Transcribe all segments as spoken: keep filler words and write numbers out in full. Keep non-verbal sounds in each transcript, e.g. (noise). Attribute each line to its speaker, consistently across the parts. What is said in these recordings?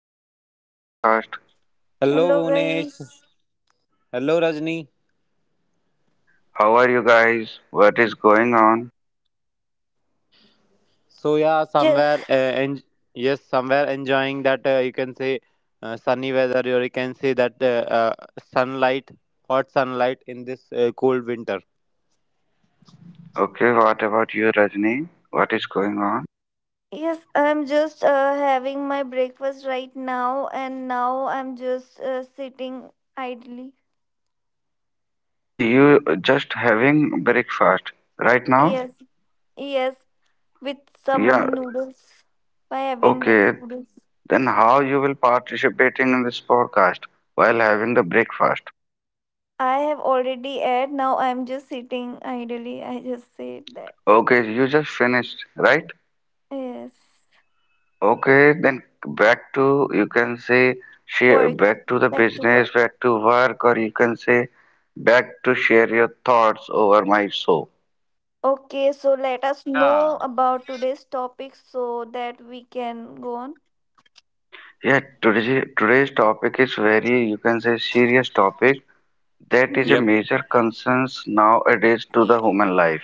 Speaker 1: back to another podcast.
Speaker 2: Hello
Speaker 3: Hello,
Speaker 2: guys.
Speaker 3: Bhunesh. Hello, Rajni.
Speaker 1: How are you guys? What is going on?
Speaker 3: So yeah,
Speaker 2: Yes,
Speaker 3: somewhere uh, en- yes, somewhere enjoying that uh, you can say uh, sunny weather, or you can say that uh, uh, sunlight, hot sunlight in this uh, cold winter.
Speaker 1: Okay, what about you Rajni? What is going on?
Speaker 2: yes, I'm just uh, having my breakfast right now, and now I'm just uh, sitting idly.
Speaker 1: Okay, you just having breakfast right now?
Speaker 2: Yes, yes, with
Speaker 1: Yeah,
Speaker 2: some noodles. By having that
Speaker 1: okay.
Speaker 2: noodles,
Speaker 1: Then how you will participating in this podcast while having the breakfast?
Speaker 2: I have already ate. Now I'm just sitting idly. I just said that.
Speaker 1: Okay, you just finished, right?
Speaker 2: Yes,
Speaker 1: Okay, then back to you can say share
Speaker 2: work
Speaker 1: back to the
Speaker 2: Back to
Speaker 1: business,
Speaker 2: work.
Speaker 1: back to work, or you can say back to share your thoughts over my show.
Speaker 2: Okay, so let us know
Speaker 3: Yeah.
Speaker 2: about today's topic so that we can go on.
Speaker 1: Yeah, today, today's topic is very you can say serious topic that is a
Speaker 2: Hmm.
Speaker 3: Yep.
Speaker 1: major concerns nowadays to the human life.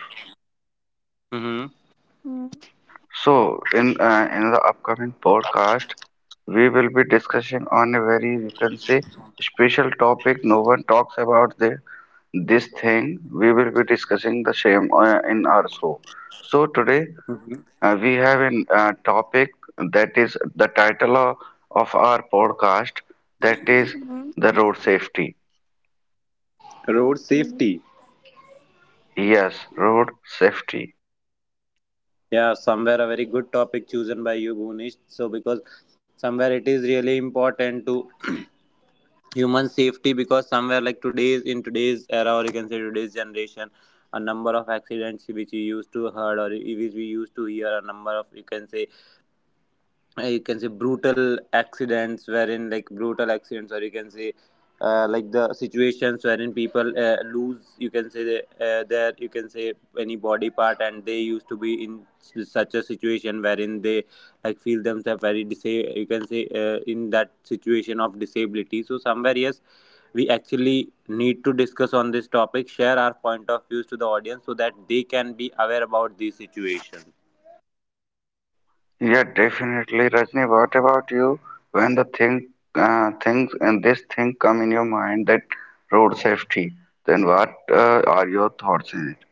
Speaker 3: Mm-hmm.
Speaker 2: Hmm.
Speaker 1: So in uh, in the upcoming podcast, we will be discussing on a very you can say special topic no one talks about this this thing. We will be discussing the same uh, in our show. So today
Speaker 3: Mm-hmm.
Speaker 1: uh, we have a uh, topic that is the title of, of our podcast, that is
Speaker 2: Hmm.
Speaker 1: the road safety.
Speaker 3: Road
Speaker 2: Okay.
Speaker 3: safety.
Speaker 1: Yes, road safety.
Speaker 3: Yeah, somewhere a very good topic chosen by you, Bhunesh. So because somewhere it is really important to (clears throat) human safety because somewhere like today's in today's era or you can say today's generation a number of accidents which we used to heard or which we used to hear a number of you can say uh, you can say brutal accidents wherein like brutal accidents or you can say uh, like the situations wherein people uh, lose you can say the, uh, their you can say any body part, and they used to be in s- such a situation wherein they like feel themselves very disa- you can say uh, in that situation of disability. So somewhere, yes, we actually need to discuss on this topic, share our point of views to the audience so that they can be aware about these situations.
Speaker 1: Yeah, definitely Rajni, what about you? When the thing uh, things and this thing come in your mind that road safety, then what uh, are your thoughts in it?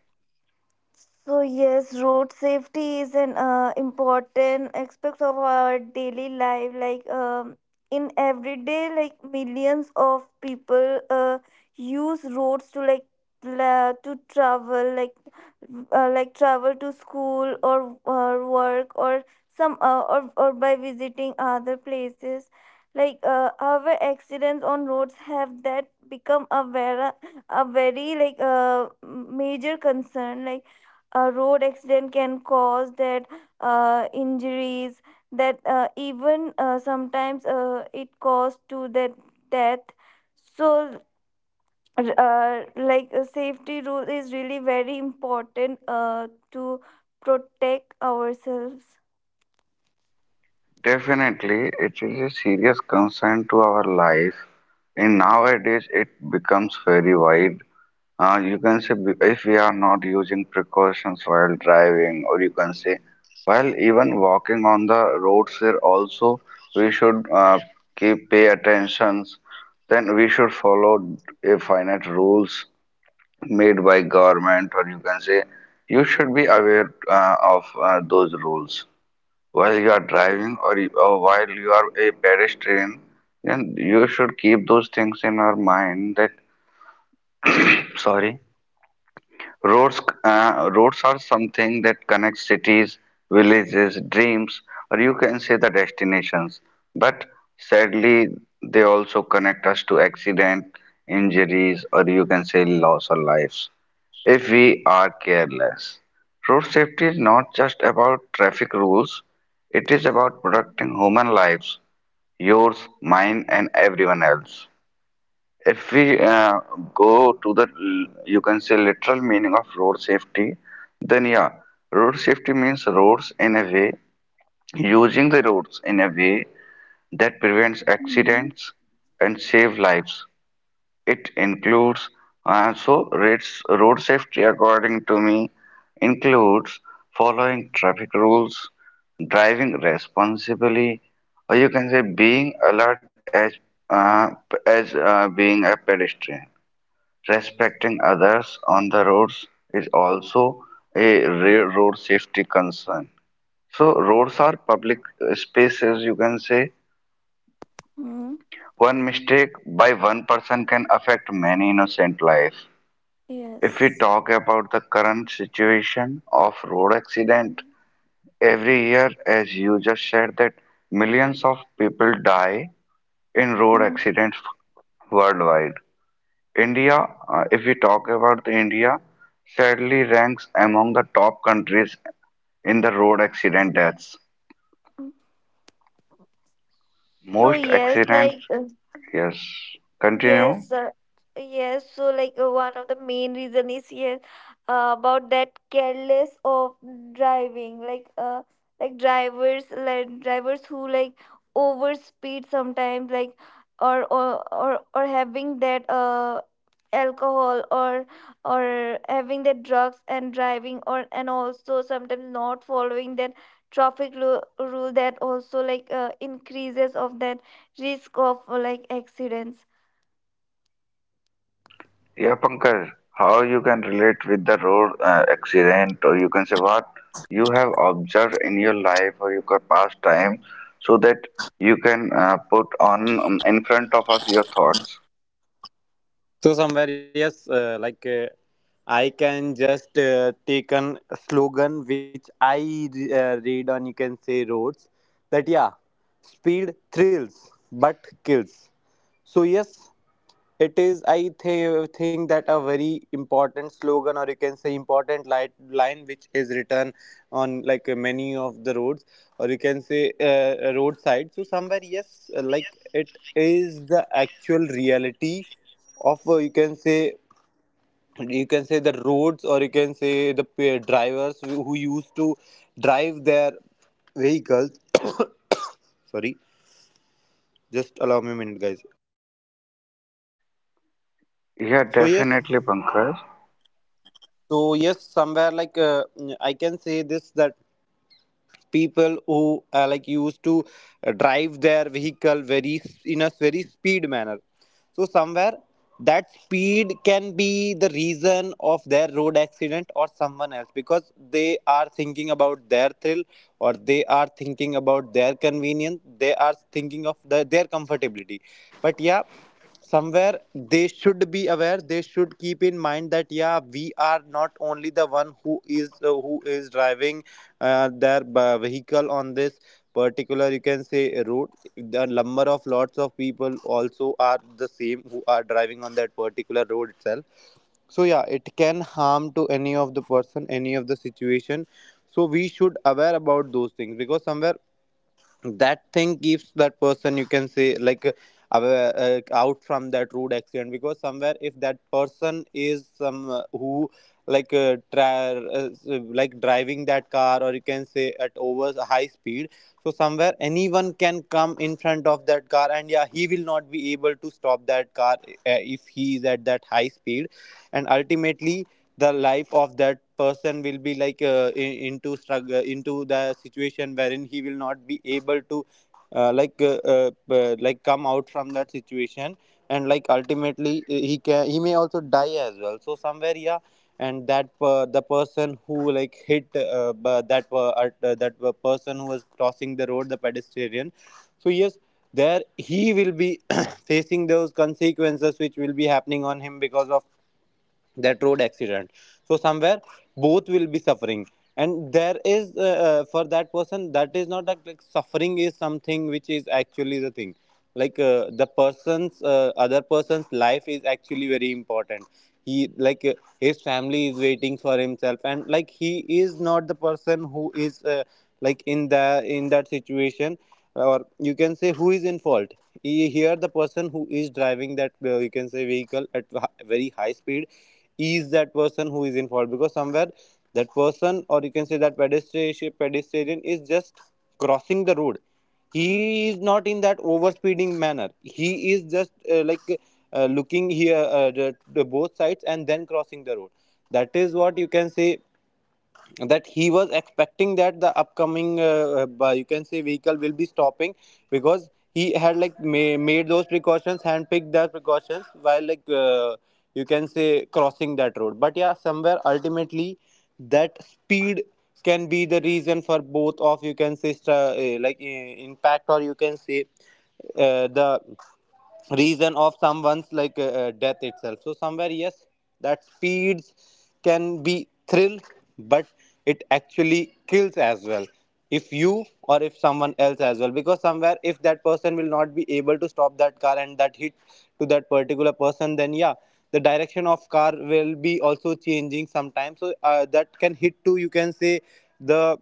Speaker 2: So yes, road safety is an uh, important aspect of our daily life. Like um, in everyday, like millions of people uh, use roads to like pla- to travel, like uh, like travel to school or or work or some uh, or or by visiting other places like uh, our accidents on roads have that become a very a very like uh, major concern like a road accident can cause that uh, injuries that uh, even uh, sometimes uh, it cause to that death. So r- uh, like a safety rule is really very important uh, to protect ourselves.
Speaker 1: Definitely, it is a serious concern to our life. And nowadays, it becomes very wide. Uh, you can say b- if we are not using precautions while driving, or you can say while even walking on the roads here also, we should uh, keep pay attentions. Then we should follow a finite rules made by government, or you can say you should be aware uh, of uh, those rules while you are driving or, you- or while you are a pedestrian, and you should keep those things in our mind that, sorry, roads uh, roads are something that connects cities, villages, dreams, or you can say the destinations. But sadly, they also connect us to accident, injuries, or you can say loss of lives if we are careless. Road safety is not just about traffic rules, it is about protecting human lives, yours, mine, and everyone else. If we uh, go to the, l- you can say, literal meaning of road safety, then yeah, road safety means roads in a way, using the roads in a way that prevents accidents and save lives. It includes also, road safety according to me includes following traffic rules, driving responsibly, or you can say being alert as uh, p- as uh, being a pedestrian. Respecting others on the roads is also a re- road safety concern. So roads are public uh, spaces, you can say.
Speaker 2: Mm.
Speaker 1: One mistake by one person can affect many innocent life. If we
Speaker 2: Yes.
Speaker 1: talk about the current situation of road
Speaker 2: Mm.
Speaker 1: accident, every year, as you just said, that millions of people die in road
Speaker 2: Mm.
Speaker 1: accidents worldwide. India, uh, if we talk about the India, sadly ranks among the top countries in the road accident deaths.
Speaker 2: so
Speaker 1: Most
Speaker 2: yes
Speaker 1: accidents,
Speaker 2: like uh,
Speaker 1: yes,
Speaker 2: Yes,
Speaker 1: continue.
Speaker 2: uh, yes. So, like uh, one of the main reason is yes uh, about that careless of driving. Like, uh, like drivers, like drivers who like overspeed sometimes, like or or or, or having that uh alcohol or or having the drugs and driving or and also sometimes not following that traffic lu- rule that also like uh, increases of that risk of uh, like accidents.
Speaker 1: Yeah, Pankaj, how you can relate with the road uh, accident, or you can say what you have observed in your life or your past time, so that you can uh, put on um, in front of us your thoughts.
Speaker 3: So somewhere, yes, uh, like uh, I can just uh, take an slogan which I re- uh, read on, you can say, roads that yeah, speed thrills but kills. So yes, it is, I th- think that a very important slogan, or you can say important light line, which is written on, like uh, many of the roads, or you can say uh, roadside. So somewhere, yes, uh, like it is the actual reality of uh, you can say, you can say the roads, or you can say the p- drivers who who used to drive their vehicles. (coughs) Sorry, just allow me a minute, guys.
Speaker 1: Yeah,
Speaker 3: So yes,
Speaker 1: definitely, Pankaj.
Speaker 3: So yes, somewhere like uh, mm, I can say this, that people who uh, like used to uh, drive their vehicle very s- in a very speed manner. So somewhere that speed can be the reason of their road accident or someone else, because they are thinking about their thrill, or they are thinking about their convenience. They are thinking of the, their comfortability. But yeah, somewhere they should be aware, they should keep in mind that yeah, we are not only the one who is uh, who is driving uh, their uh, vehicle on this particular you can say route. The number of lots of people also are the same who are driving on that particular road itself, so yeah, it can harm to any of the person, any of the situation. So we should aware about those things, because somewhere that thing keeps that person you can say like uh, uh, uh, out from that road accident, because somewhere if that person is some uh, who like uh, tra- uh, like driving that car or you can say at over high speed, so somewhere anyone can come in front of that car, and yeah, he will not be able to stop that car uh, if he is at that high speed. And ultimately the life of that person will be like uh, i- into struggle, into the situation wherein he will not be able to uh, like uh, uh, uh, like come out from that situation, and like ultimately uh, he can, he may also die as well. So somewhere yeah, and that per, the person who like hit uh, b- that per, at, uh, that per- person who was crossing the road, the pedestrian, so yes, there he will be (coughs) (clears throat) facing those consequences which will be happening on him because of that road accident. So somewhere both will be suffering, and there is uh, uh, for that person that is not like, like suffering is something which is actually the thing, like uh, the person's uh, other person's life is actually very important. He like uh, his family is waiting for himself, and like he is not the person who is uh, like in the in that situation, or you can say who is in fault. He- here the person who is driving that uh, you can say vehicle at h- very high speed ease, that person who is involved, because somewhere that person or you can say that pedestrian, pedestrian is just crossing the road. He is not in that overspeeding manner. He is just uh, like uh, looking here uh, the, the both sides and then crossing the road. That is what you can say, that he was expecting that the upcoming uh, uh, you can say vehicle will be stopping, because he had like ma- made those precautions, handpicked the precautions while like uh, you can say crossing that road. But yeah, somewhere ultimately that speed can be the reason for both of you can say stra- uh, like uh, impact, or you can say uh, the reason of someone's like uh, uh, death itself. So somewhere yes, that speeds can be thrill, but it actually kills as well, if you or if someone else as well, because somewhere if that person will not be able to stop that car and that hit to that particular person, then yeah, the direction of car will be also changing sometimes, so uh, that can hit to you can say the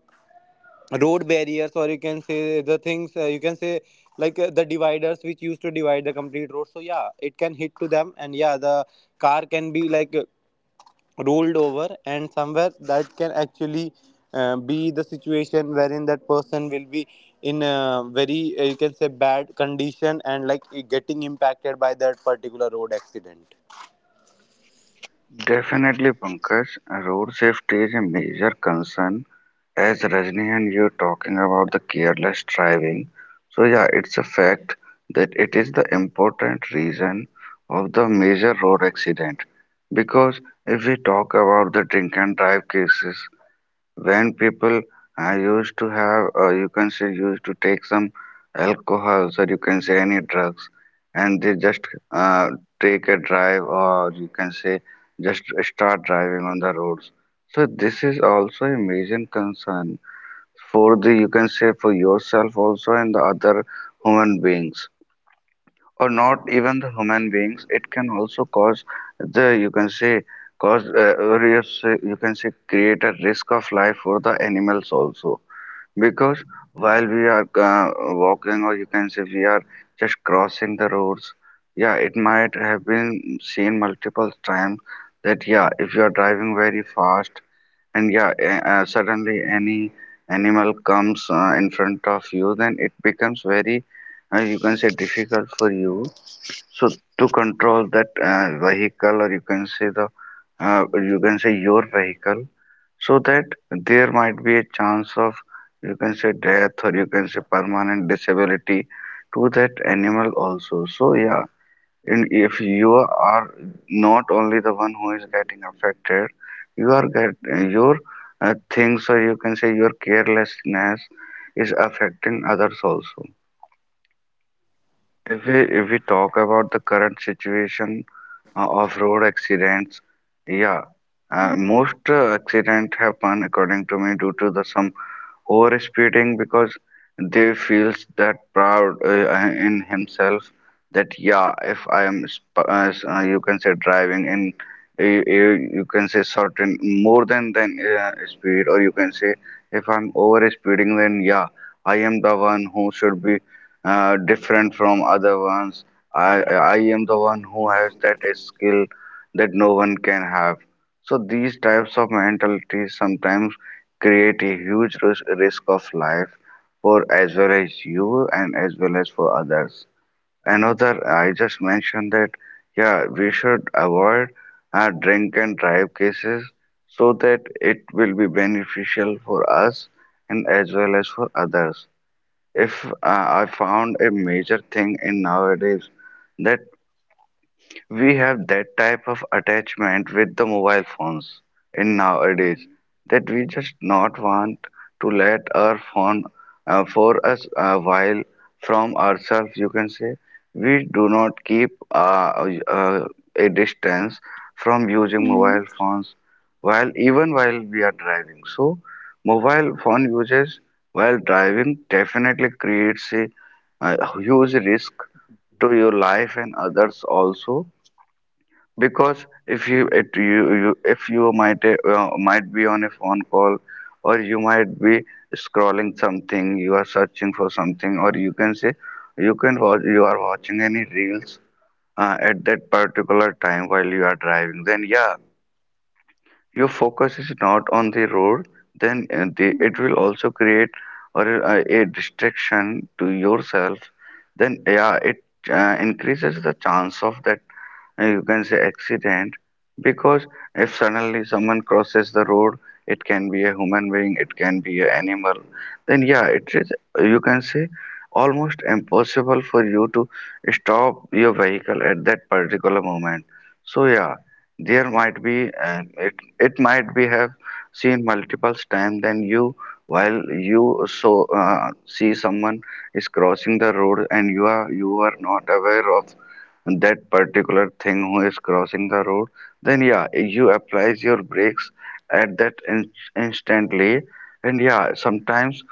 Speaker 3: road barriers or you can say the things uh, you can say like uh, the dividers which used to divide the complete road. So yeah, it can hit to them, and yeah, the car can be like uh, rolled over, and somewhere that can actually uh, be the situation wherein that person will be in a very uh, you can say bad condition and like getting impacted by that particular road accident.
Speaker 1: Definitely, Pankaj. Road safety is a major concern. As Rajni and you talking about the careless driving, so yeah, it's a fact that it is the important reason of the major road accident. Because if we talk about the drink and drive cases, when people uh, used to have, uh, you can say, used to take some alcohols or you can say any drugs, and they just uh, take a drive or you can say just start driving on the roads. So this is also a major concern for the you can say for yourself also and the other human beings, or not even the human beings, it can also cause the you can say cause uh, or you say- you can say create a risk of life for the animals also. Because while we are uh, walking or you can say we are just crossing the roads, yeah it might have been seen multiple times that yeah, if you are driving very fast and yeah, a- uh, suddenly any animal comes uh, in front of you, then it becomes very, uh, you can say, difficult for you. So to control that uh, vehicle, or you can say the, uh, you can say your vehicle, so that there might be a chance of, you can say, death or you can say permanent disability to that animal also. So yeah, and if you are not only the one who is getting affected, you are get your uh, things or you can say your carelessness is affecting others also. If we if we talk about the current situation uh, of road accidents, yeah, uh,
Speaker 2: Mm.
Speaker 1: most uh, accident happen according to me due to the some over-speeding because they feels that proud uh, in himself, that yeah, if I am sp- uh, s- uh, you can say driving in you, you can say certain more than than uh, speed or you can say if I'm over speeding, then yeah, I am the one who should be uh, different from other ones. i i I am the one who has that skill that no one can have. So these types of mentalities sometimes create a huge ris- risk of life for as well as you and as well as for others. Another, I just mentioned that yeah, we should avoid uh, drink and drive cases so that it will be beneficial for us and as well as for others. If uh, I found a major thing in nowadays, that we have that type of attachment with the mobile phones in nowadays, that we just not want to let our phone uh, for us a while from ourselves. You can say we do not keep uh, uh, a distance from using
Speaker 2: But
Speaker 1: mobile phones while even while we are driving. So mobile phone usage while driving definitely creates a, a huge risk to your life and others also. Because if you it you, you if you might uh, might be on a phone call or you might be scrolling something, you are searching for something, or you can say you can watch you are watching any reels uh, at that particular time while you are driving, then yeah, your focus is not on the road. Then uh, the, it will also create or uh, a distraction to yourself. Then yeah, it uh, increases the chance of that uh, you can say accident. Because if suddenly someone crosses the road, it can be a human being, it can be an animal, then yeah, it is you can say almost impossible for you to stop your vehicle at that particular moment. So yeah, there might be, and it it might be have seen multiple times than you, while you so uh, see someone is crossing the road, and you are you are not aware of that particular thing who is crossing the road, then yeah, you applies your brakes at that in instantly, and yeah, sometimes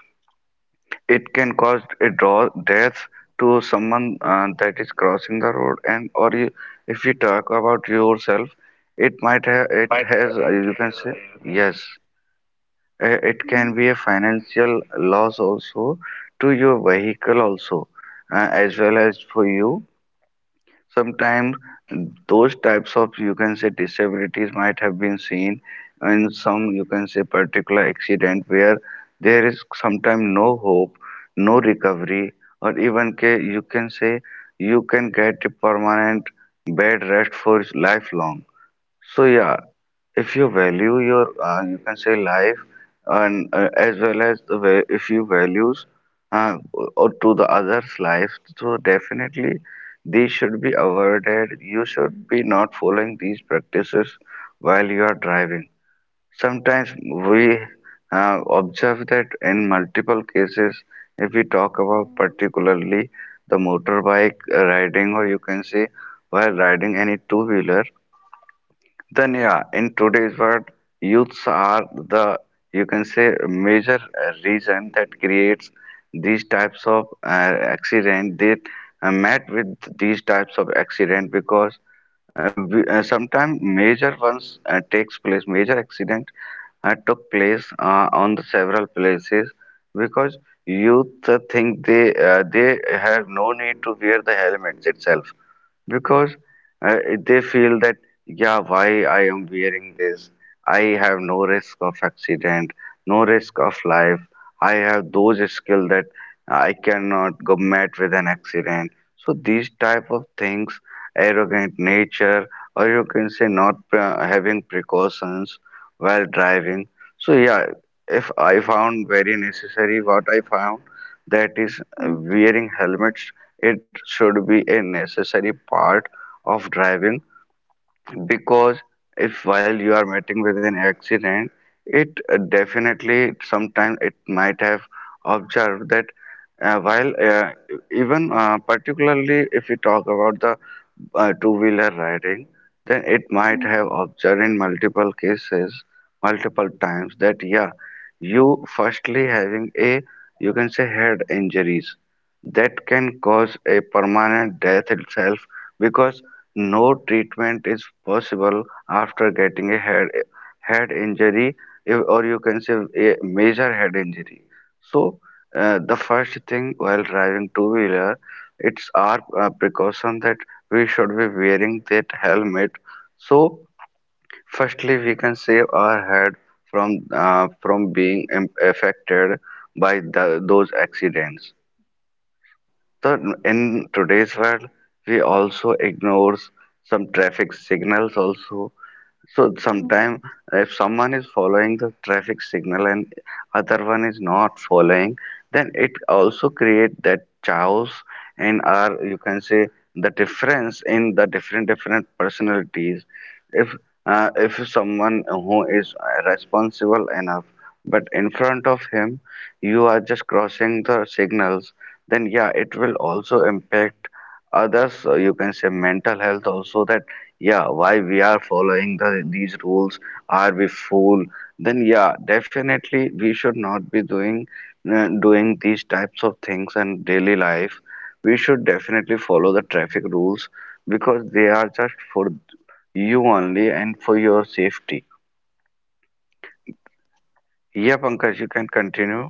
Speaker 1: it can cause a draw death to someone uh, that is crossing the road, and or you, if you talk about yourself, it might have it
Speaker 2: uh,
Speaker 1: has uh,
Speaker 2: it
Speaker 1: you can
Speaker 2: has
Speaker 1: say
Speaker 2: uh, you can say.
Speaker 1: yes, uh, it can be a financial loss also to your vehicle also, uh, as well as for you. Sometimes those types of you can say disabilities might have been seen in some you can say particular accident where there is sometimes no hope, no recovery, or even ca- you can say you can get a permanent bed rest for lifelong. So yeah, if you value your uh, you can say life, and uh, as well as the va- if you values uh, or to the others life, so definitely these should be avoided, you should be not following these practices while you are driving. Sometimes we uh, observe that in multiple cases, if we talk about particularly the motorbike riding or you can say while riding any two wheeler, then yeah, in today's world, youths are the you can say major uh, reason that creates these types of uh, accident. They uh, met with these types of accident, because uh, we- uh, sometimes major ones uh, takes place, major accident uh, took place uh, on the several places because youth uh, think they uh, they have no need to wear the helmets itself. Because uh, they feel that yeah, why I am wearing this, I have no risk of accident, no risk of life, I have those skill that I cannot go met with an accident. So these type of things, arrogant nature, or you can say not pre- having precautions while driving. So yeah, if I found very necessary what I found, that is uh, wearing helmets. It should be a necessary part of driving because if while you are meeting with an accident, it uh, definitely sometimes it might have observed that uh, while uh, even uh, particularly if we talk about the uh, two-wheeler riding, then it might have observed in multiple cases, multiple times that yeah, you firstly having a you can say head injuries that can cause a permanent death itself because no treatment is possible after getting a head head injury if- or you can say a major head injury. So uh, the first thing while driving two-wheeler, it's our uh, precaution that we should be wearing that helmet. So firstly we can save our head from uh, from being im- affected by the, those accidents. So in today's world we also ignores some traffic signals also. So sometime if someone is following the traffic signal and other one is not following, then it also create that chaos and our you can say the difference in the different different personalities. If uh, if someone who is responsible enough, but in front of him you are just crossing the signals, then yeah, it will also impact others. uh, You can say mental health also, that yeah, why we are following the these rules, are we fool? Then yeah, definitely we should not be doing uh, doing these types of things in daily life. We should definitely follow the traffic rules because they are just for you only and for your safety. Yeah, Pankaj, you can continue.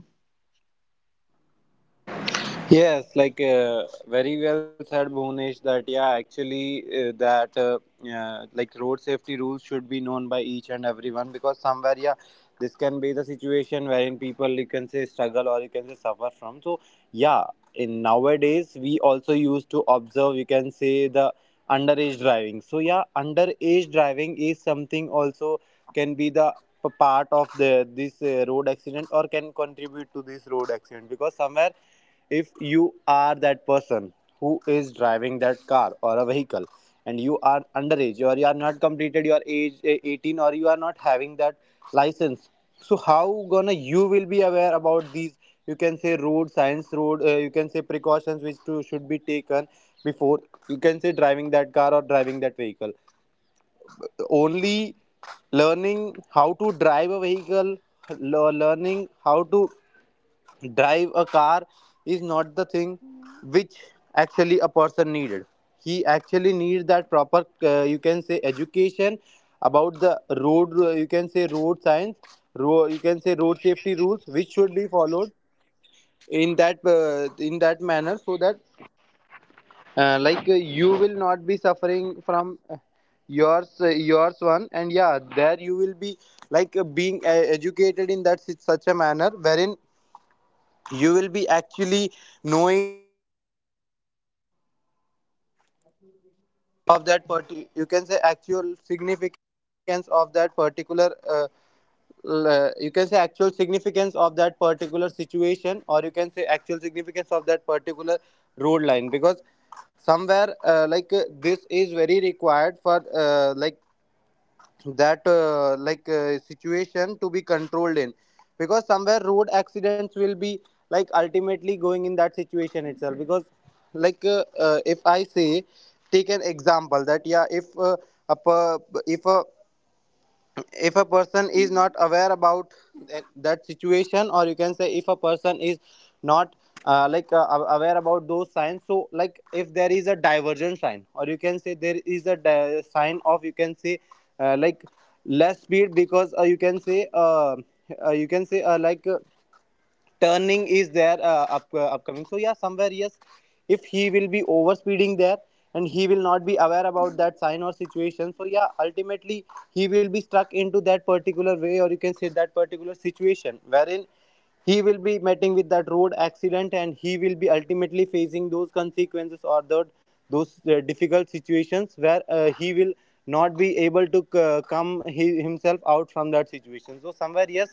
Speaker 3: Yes, like uh, very well said, Bhunesh. That yeah, actually, uh, that uh, uh, like road safety rules should be known by each and everyone, because somewhere, yeah, this can be the situation wherein people you can say struggle or you can say suffer from. So yeah, in nowadays we also used to observe you can say the underage driving. So yeah, underage driving is something also can be the p- part of the this uh, road accident or can contribute to this road accident, because somewhere if you are that person who is driving that car or a vehicle, and you are underage or you are not completed your age eh, eighteen, or you are not having that license, so how gonna you will be aware about these you can say road science, road uh, you can say precautions which to, should be taken before you can say driving that car or driving that vehicle. Only learning how to drive a vehicle, le- learning how to drive a car is not the thing which actually a person needed. He actually needs that proper uh, you can say education about the road uh, you can say road science, ro- you can say road safety rules which should be followed in that uh, in that manner, so that uh, like uh, you will not be suffering from uh, yours uh, yours one, and yeah there you will be like uh, being uh, educated in that such such a manner wherein you will be actually knowing you can say actual significance of that particular uh, uh, you can say actual significance of that particular situation, or you can say actual significance of that particular road line, because somewhere uh, like uh, this is very required for uh, like that uh, like uh, situation to be controlled in, because somewhere road accidents will be like ultimately going in that situation itself, because like uh, uh, if I say take an example that yeah if uh, a, per- if a if a person is not aware about that, that situation, or you can say if a person is not uh, like uh, aware about those signs, so like if there is a divergent sign, or you can say there is a di- sign of you can say uh, like less speed, because uh, you can say uh, uh, you can say uh, like uh, turning is there uh, up, uh, upcoming. So yeah, somewhere yes, if he will be overspeeding there and he will not be aware about that sign or situation, so yeah, ultimately he will be stuck into that particular way, or you can say that particular situation wherein he will be meeting with that road accident, and he will be ultimately facing those consequences or the, those uh, difficult situations where uh, he will not be able to uh, come he, himself out from that situation. So somewhere yes,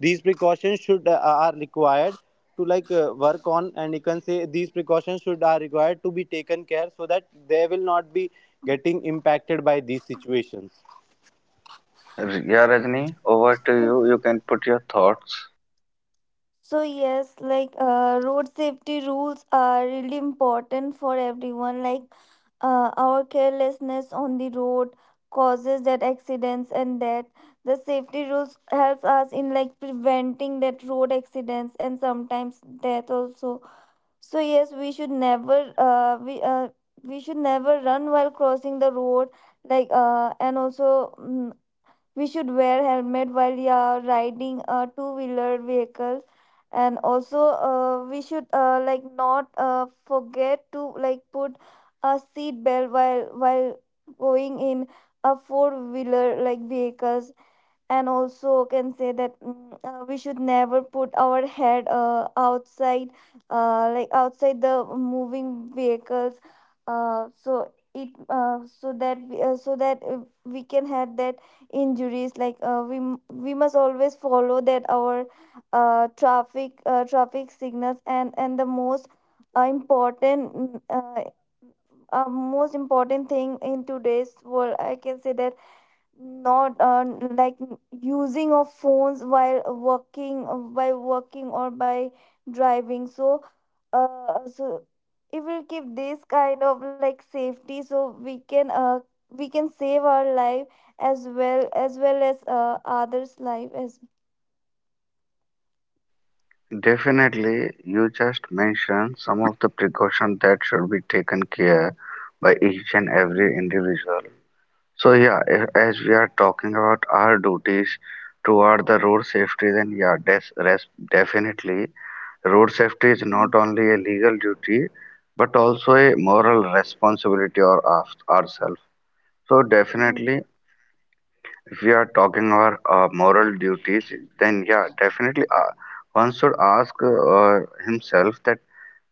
Speaker 3: these precautions should uh, are required to like uh, work on, and you can say these precautions should are required to be taken care, so that they will not be getting impacted by these situations.
Speaker 1: Yeah, Rajni, over to you, you can put your thoughts.
Speaker 2: So yes, like uh, road safety rules are really important for everyone. Like uh, our carelessness on the road causes that accidents, and that the safety rules helps us in like preventing that road accidents and sometimes death also. So yes, we should never uh, we uh, we should never run while crossing the road. Like uh, and also mm, we should wear helmet while yeah riding uh, two wheeler vehicles. And also uh, we should uh, like not uh, forget to like put a seat belt while while going in a four wheeler like vehicles, and also can say that mm, uh, we should never put our head uh, outside uh, like outside the moving vehicles uh, so it uh, so that we, uh, so that uh, we can have that injuries. Like uh, we m- we must always follow that our uh, traffic uh, traffic signals, and and the most uh, important mm, uh, uh, most important thing in today's world I can say that not uh, like using of phones while working by working or by driving. So uh, so it will give this kind of like safety, so we can uh, we can save our life as well as well as uh, others life as.
Speaker 1: Definitely, you just mentioned some of the precautions that should be taken care by each and every
Speaker 2: Mm,
Speaker 1: individual. So yeah, a- as we are talking about our duties toward the road safety, then yeah, des- res- definitely road safety is
Speaker 2: mm,
Speaker 1: not only a legal duty but also a moral responsibility or of ourselves. So
Speaker 2: mm,
Speaker 1: definitely. If we are talking about uh, moral duties, then yeah, definitely uh, one should ask uh, himself that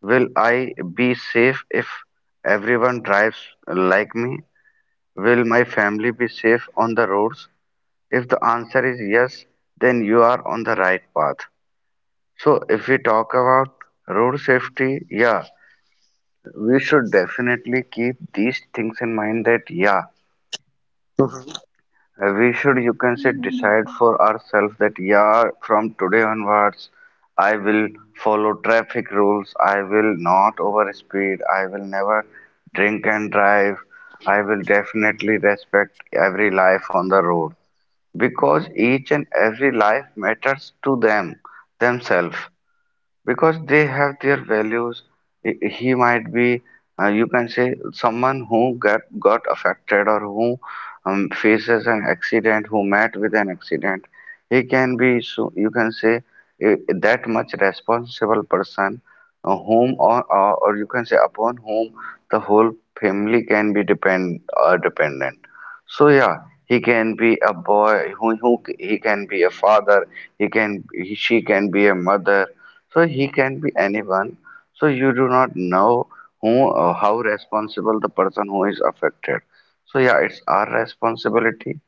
Speaker 1: will I be safe if everyone drives like me? Will my family be safe on the roads? If the answer is yes, then you are on the right path. So if we talk about road safety, yeah, we should definitely keep these things in mind that yeah, Uh, we should, you can say,
Speaker 2: mm,
Speaker 1: decide for ourselves that, yeah, from today onwards, I will follow traffic rules. I will not over speed. I will never drink and drive. I will definitely respect every life on the road because each and every life matters to them, themselves, because they have their values. He he might be, uh, you can say, someone who got got affected or who um, faces an accident, who met with an accident. He can be, so you can say, a, that much responsible person, uh, whom or, or or you can say upon whom the whole family can be depend uh, dependent. So yeah, he can be a boy. Who, who he can be a father. He can he, she can be a mother, so he can be anyone. So you do not know who uh, how responsible the person who is affected. So yeah, it's our responsibility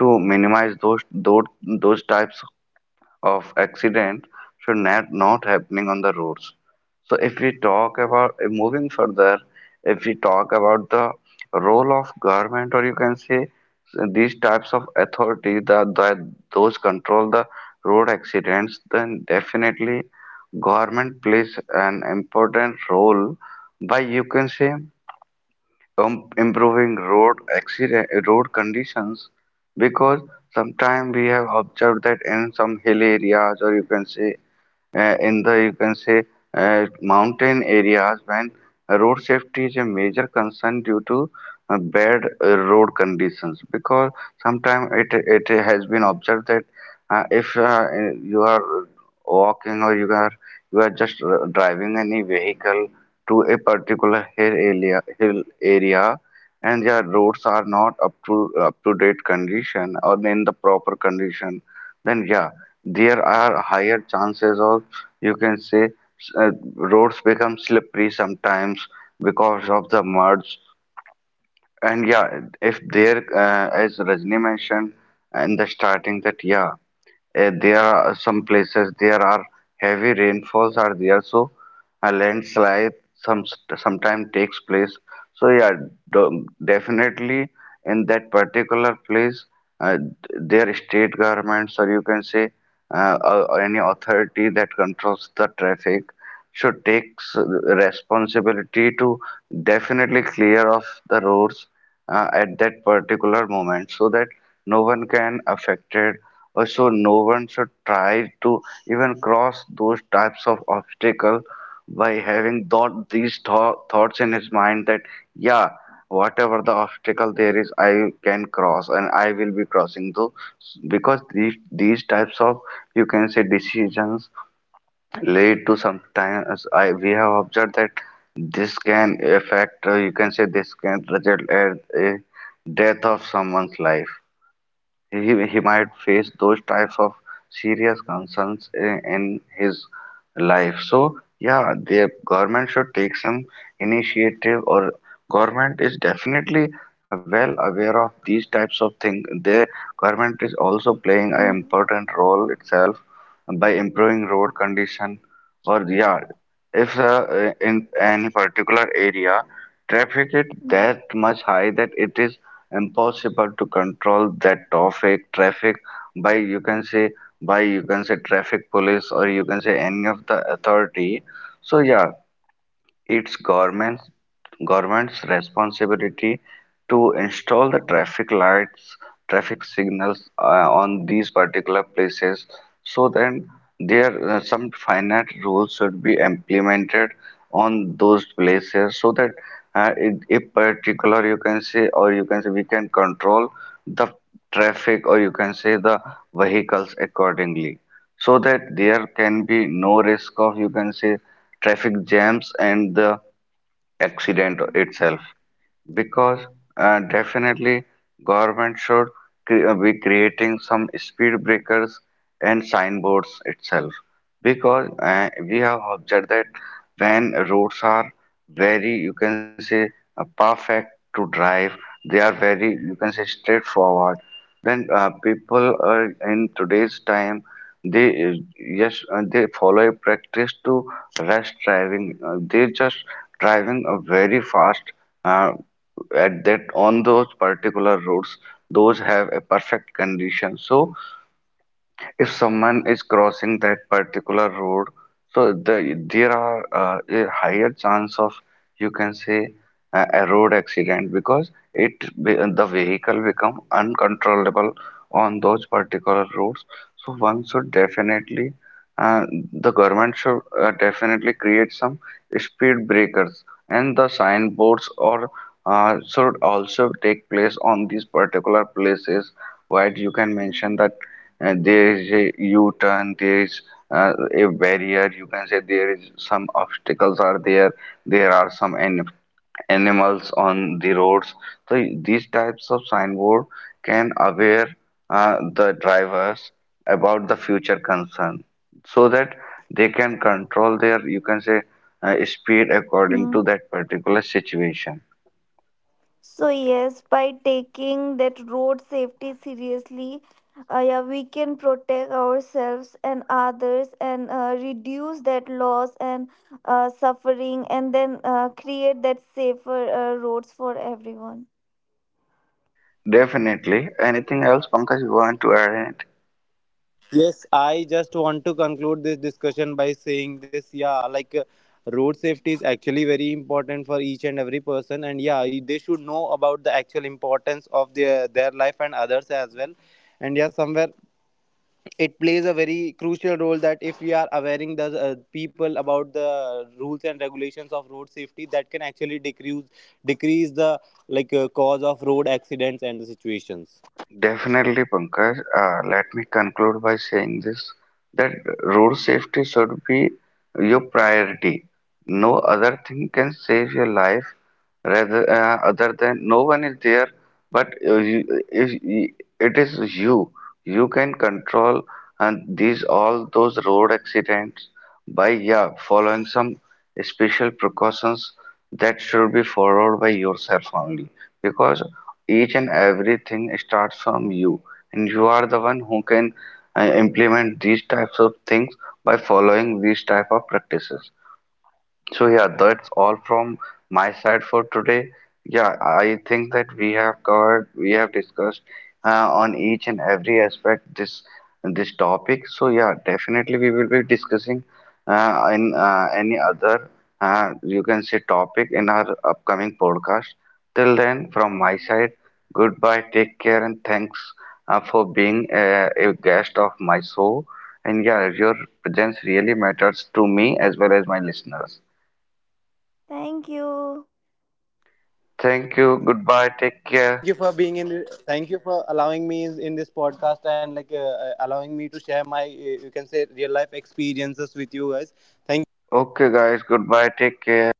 Speaker 1: to minimize those those those types of accident should not not happening on the roads. So if we talk about uh, moving further, if we talk about the role of government or you can say so these types of authority that, that those control the road accidents, then definitely government plays an important role by you can say um, improving road accident road conditions because sometimes we have observed that in some hill areas or you can say uh, in the you can say uh, mountain areas when road safety is a major concern due to uh, bad uh, road conditions because sometimes it it has been observed that uh, if uh, you are walking or you are you are just r- driving any vehicle to a particular hill area hill area and their roads are not up to up to date condition or in the proper condition, then yeah there are higher chances of you can say uh, roads become slippery sometimes because of the muds. And yeah, if there uh, as Rajni mentioned in the starting that yeah uh, there are some places there are heavy rainfalls are there, so a landslide some sometimes takes place. So yeah, do- definitely in that particular place uh, their state governments or you can say uh, uh, any authority that controls the traffic should take s- responsibility to definitely clear off the roads uh, at that particular moment so that no one can affect it, or so no one should try to even cross those types of obstacle by having thought these thou- thoughts in his mind that yeah, whatever the obstacle there is, I can cross and I will be crossing those, because these these types of you can say decisions lead to sometimes I we have observed that this can affect uh, you can say this can result at a death of someone's life. He, he might face those types of serious concerns in, in his life. So yeah, the government should take some initiative, or government is definitely well aware of these types of things. The government is also playing an
Speaker 2: mm,
Speaker 1: important role itself by improving road condition or yeah if uh, in any particular area traffic is that
Speaker 2: mm,
Speaker 1: much high that it is impossible to control that traffic traffic by you can say by you can say traffic police or you can say any of the authority. So yeah, it's government's government's responsibility to install the traffic lights, traffic signals uh, on these particular places. So then there uh, some finite rules should be implemented on those places so that uh, it, if particular you can say or you can say we can control the traffic or you can say the vehicles accordingly, so that there can be no risk of you can say traffic jams and the accident
Speaker 2: mm,
Speaker 1: itself. Because uh, definitely government should cre- uh, be creating some speed breakers and signboards itself because uh, we have observed that when roads are very you can say uh, perfect to drive, they are very you can say straightforward, then uh, people are in today's time they uh, yes uh, they follow a practice to rush driving, uh, they just driving uh, very fast uh, at that on those particular roads those have a perfect condition. So if someone is crossing that particular road, so the, there are uh, a higher chance of you can say a, a road accident because it be- the vehicle become uncontrollable on those particular roads. So one should definitely uh, the government should uh, definitely create some speed breakers, and the signboards or uh, should also take place on these particular places where you can mention
Speaker 2: mm,
Speaker 1: that uh, there is a U-turn, there is uh, a barrier, you can say there is some obstacles are there, there are some an animals on the roads. So these types of signboard can aware uh, the drivers about the future concern so that they can control their you can say uh, speed according
Speaker 2: mm,
Speaker 1: to that particular situation.
Speaker 2: So yes, by taking that road safety seriously, uh, yeah, we can protect ourselves and others, and uh, reduce that loss and uh, suffering, and then uh, create that safer uh, roads for everyone.
Speaker 1: Definitely, anything else Pankaj you want to add?
Speaker 3: Yes, I just want to conclude this discussion by saying this, yeah, like uh, road safety is actually very important for each and every person, and yeah, y- they should know about the actual importance of their their life and others as well. And yeah, somewhere it plays a very crucial role, that if we are awareing the uh, people about the rules and regulations of road safety, that can actually decrease decrease the like uh, cause of road accidents and the situations.
Speaker 1: Definitely, Pankaj. Uh, let me conclude by saying this that road safety should be your priority. No other thing can save your life rather uh, other than, no one is there, but uh, you, if, y- it is you. You can control and these all those road accidents by yeah following some special precautions that should be followed by yourself only. Because each and everything starts from you, and you are the one who can uh, implement these types of things by following these type of practices. So yeah, that's all from my side for today. Yeah, I think that we have covered, we have discussed uh, on each and every aspect this this topic. So yeah, definitely we will be discussing uh, in uh, any other uh, you can say topic in our upcoming podcast. Till then, from my
Speaker 2: Mm.
Speaker 1: side, goodbye, take care, and thanks uh, for being uh, a guest of my show. And yeah, your presence really matters to me as well as my listeners.
Speaker 2: Thank you.
Speaker 1: Thank you. Goodbye.
Speaker 3: Thank you
Speaker 1: Take
Speaker 3: guys, thank
Speaker 1: care.
Speaker 3: you for being in, thank you for allowing me in, in this podcast, and like uh, uh, allowing me to share my uh, you can say real life experiences with you guys. Thank you.
Speaker 1: Okay, guys. Goodbye. Take care.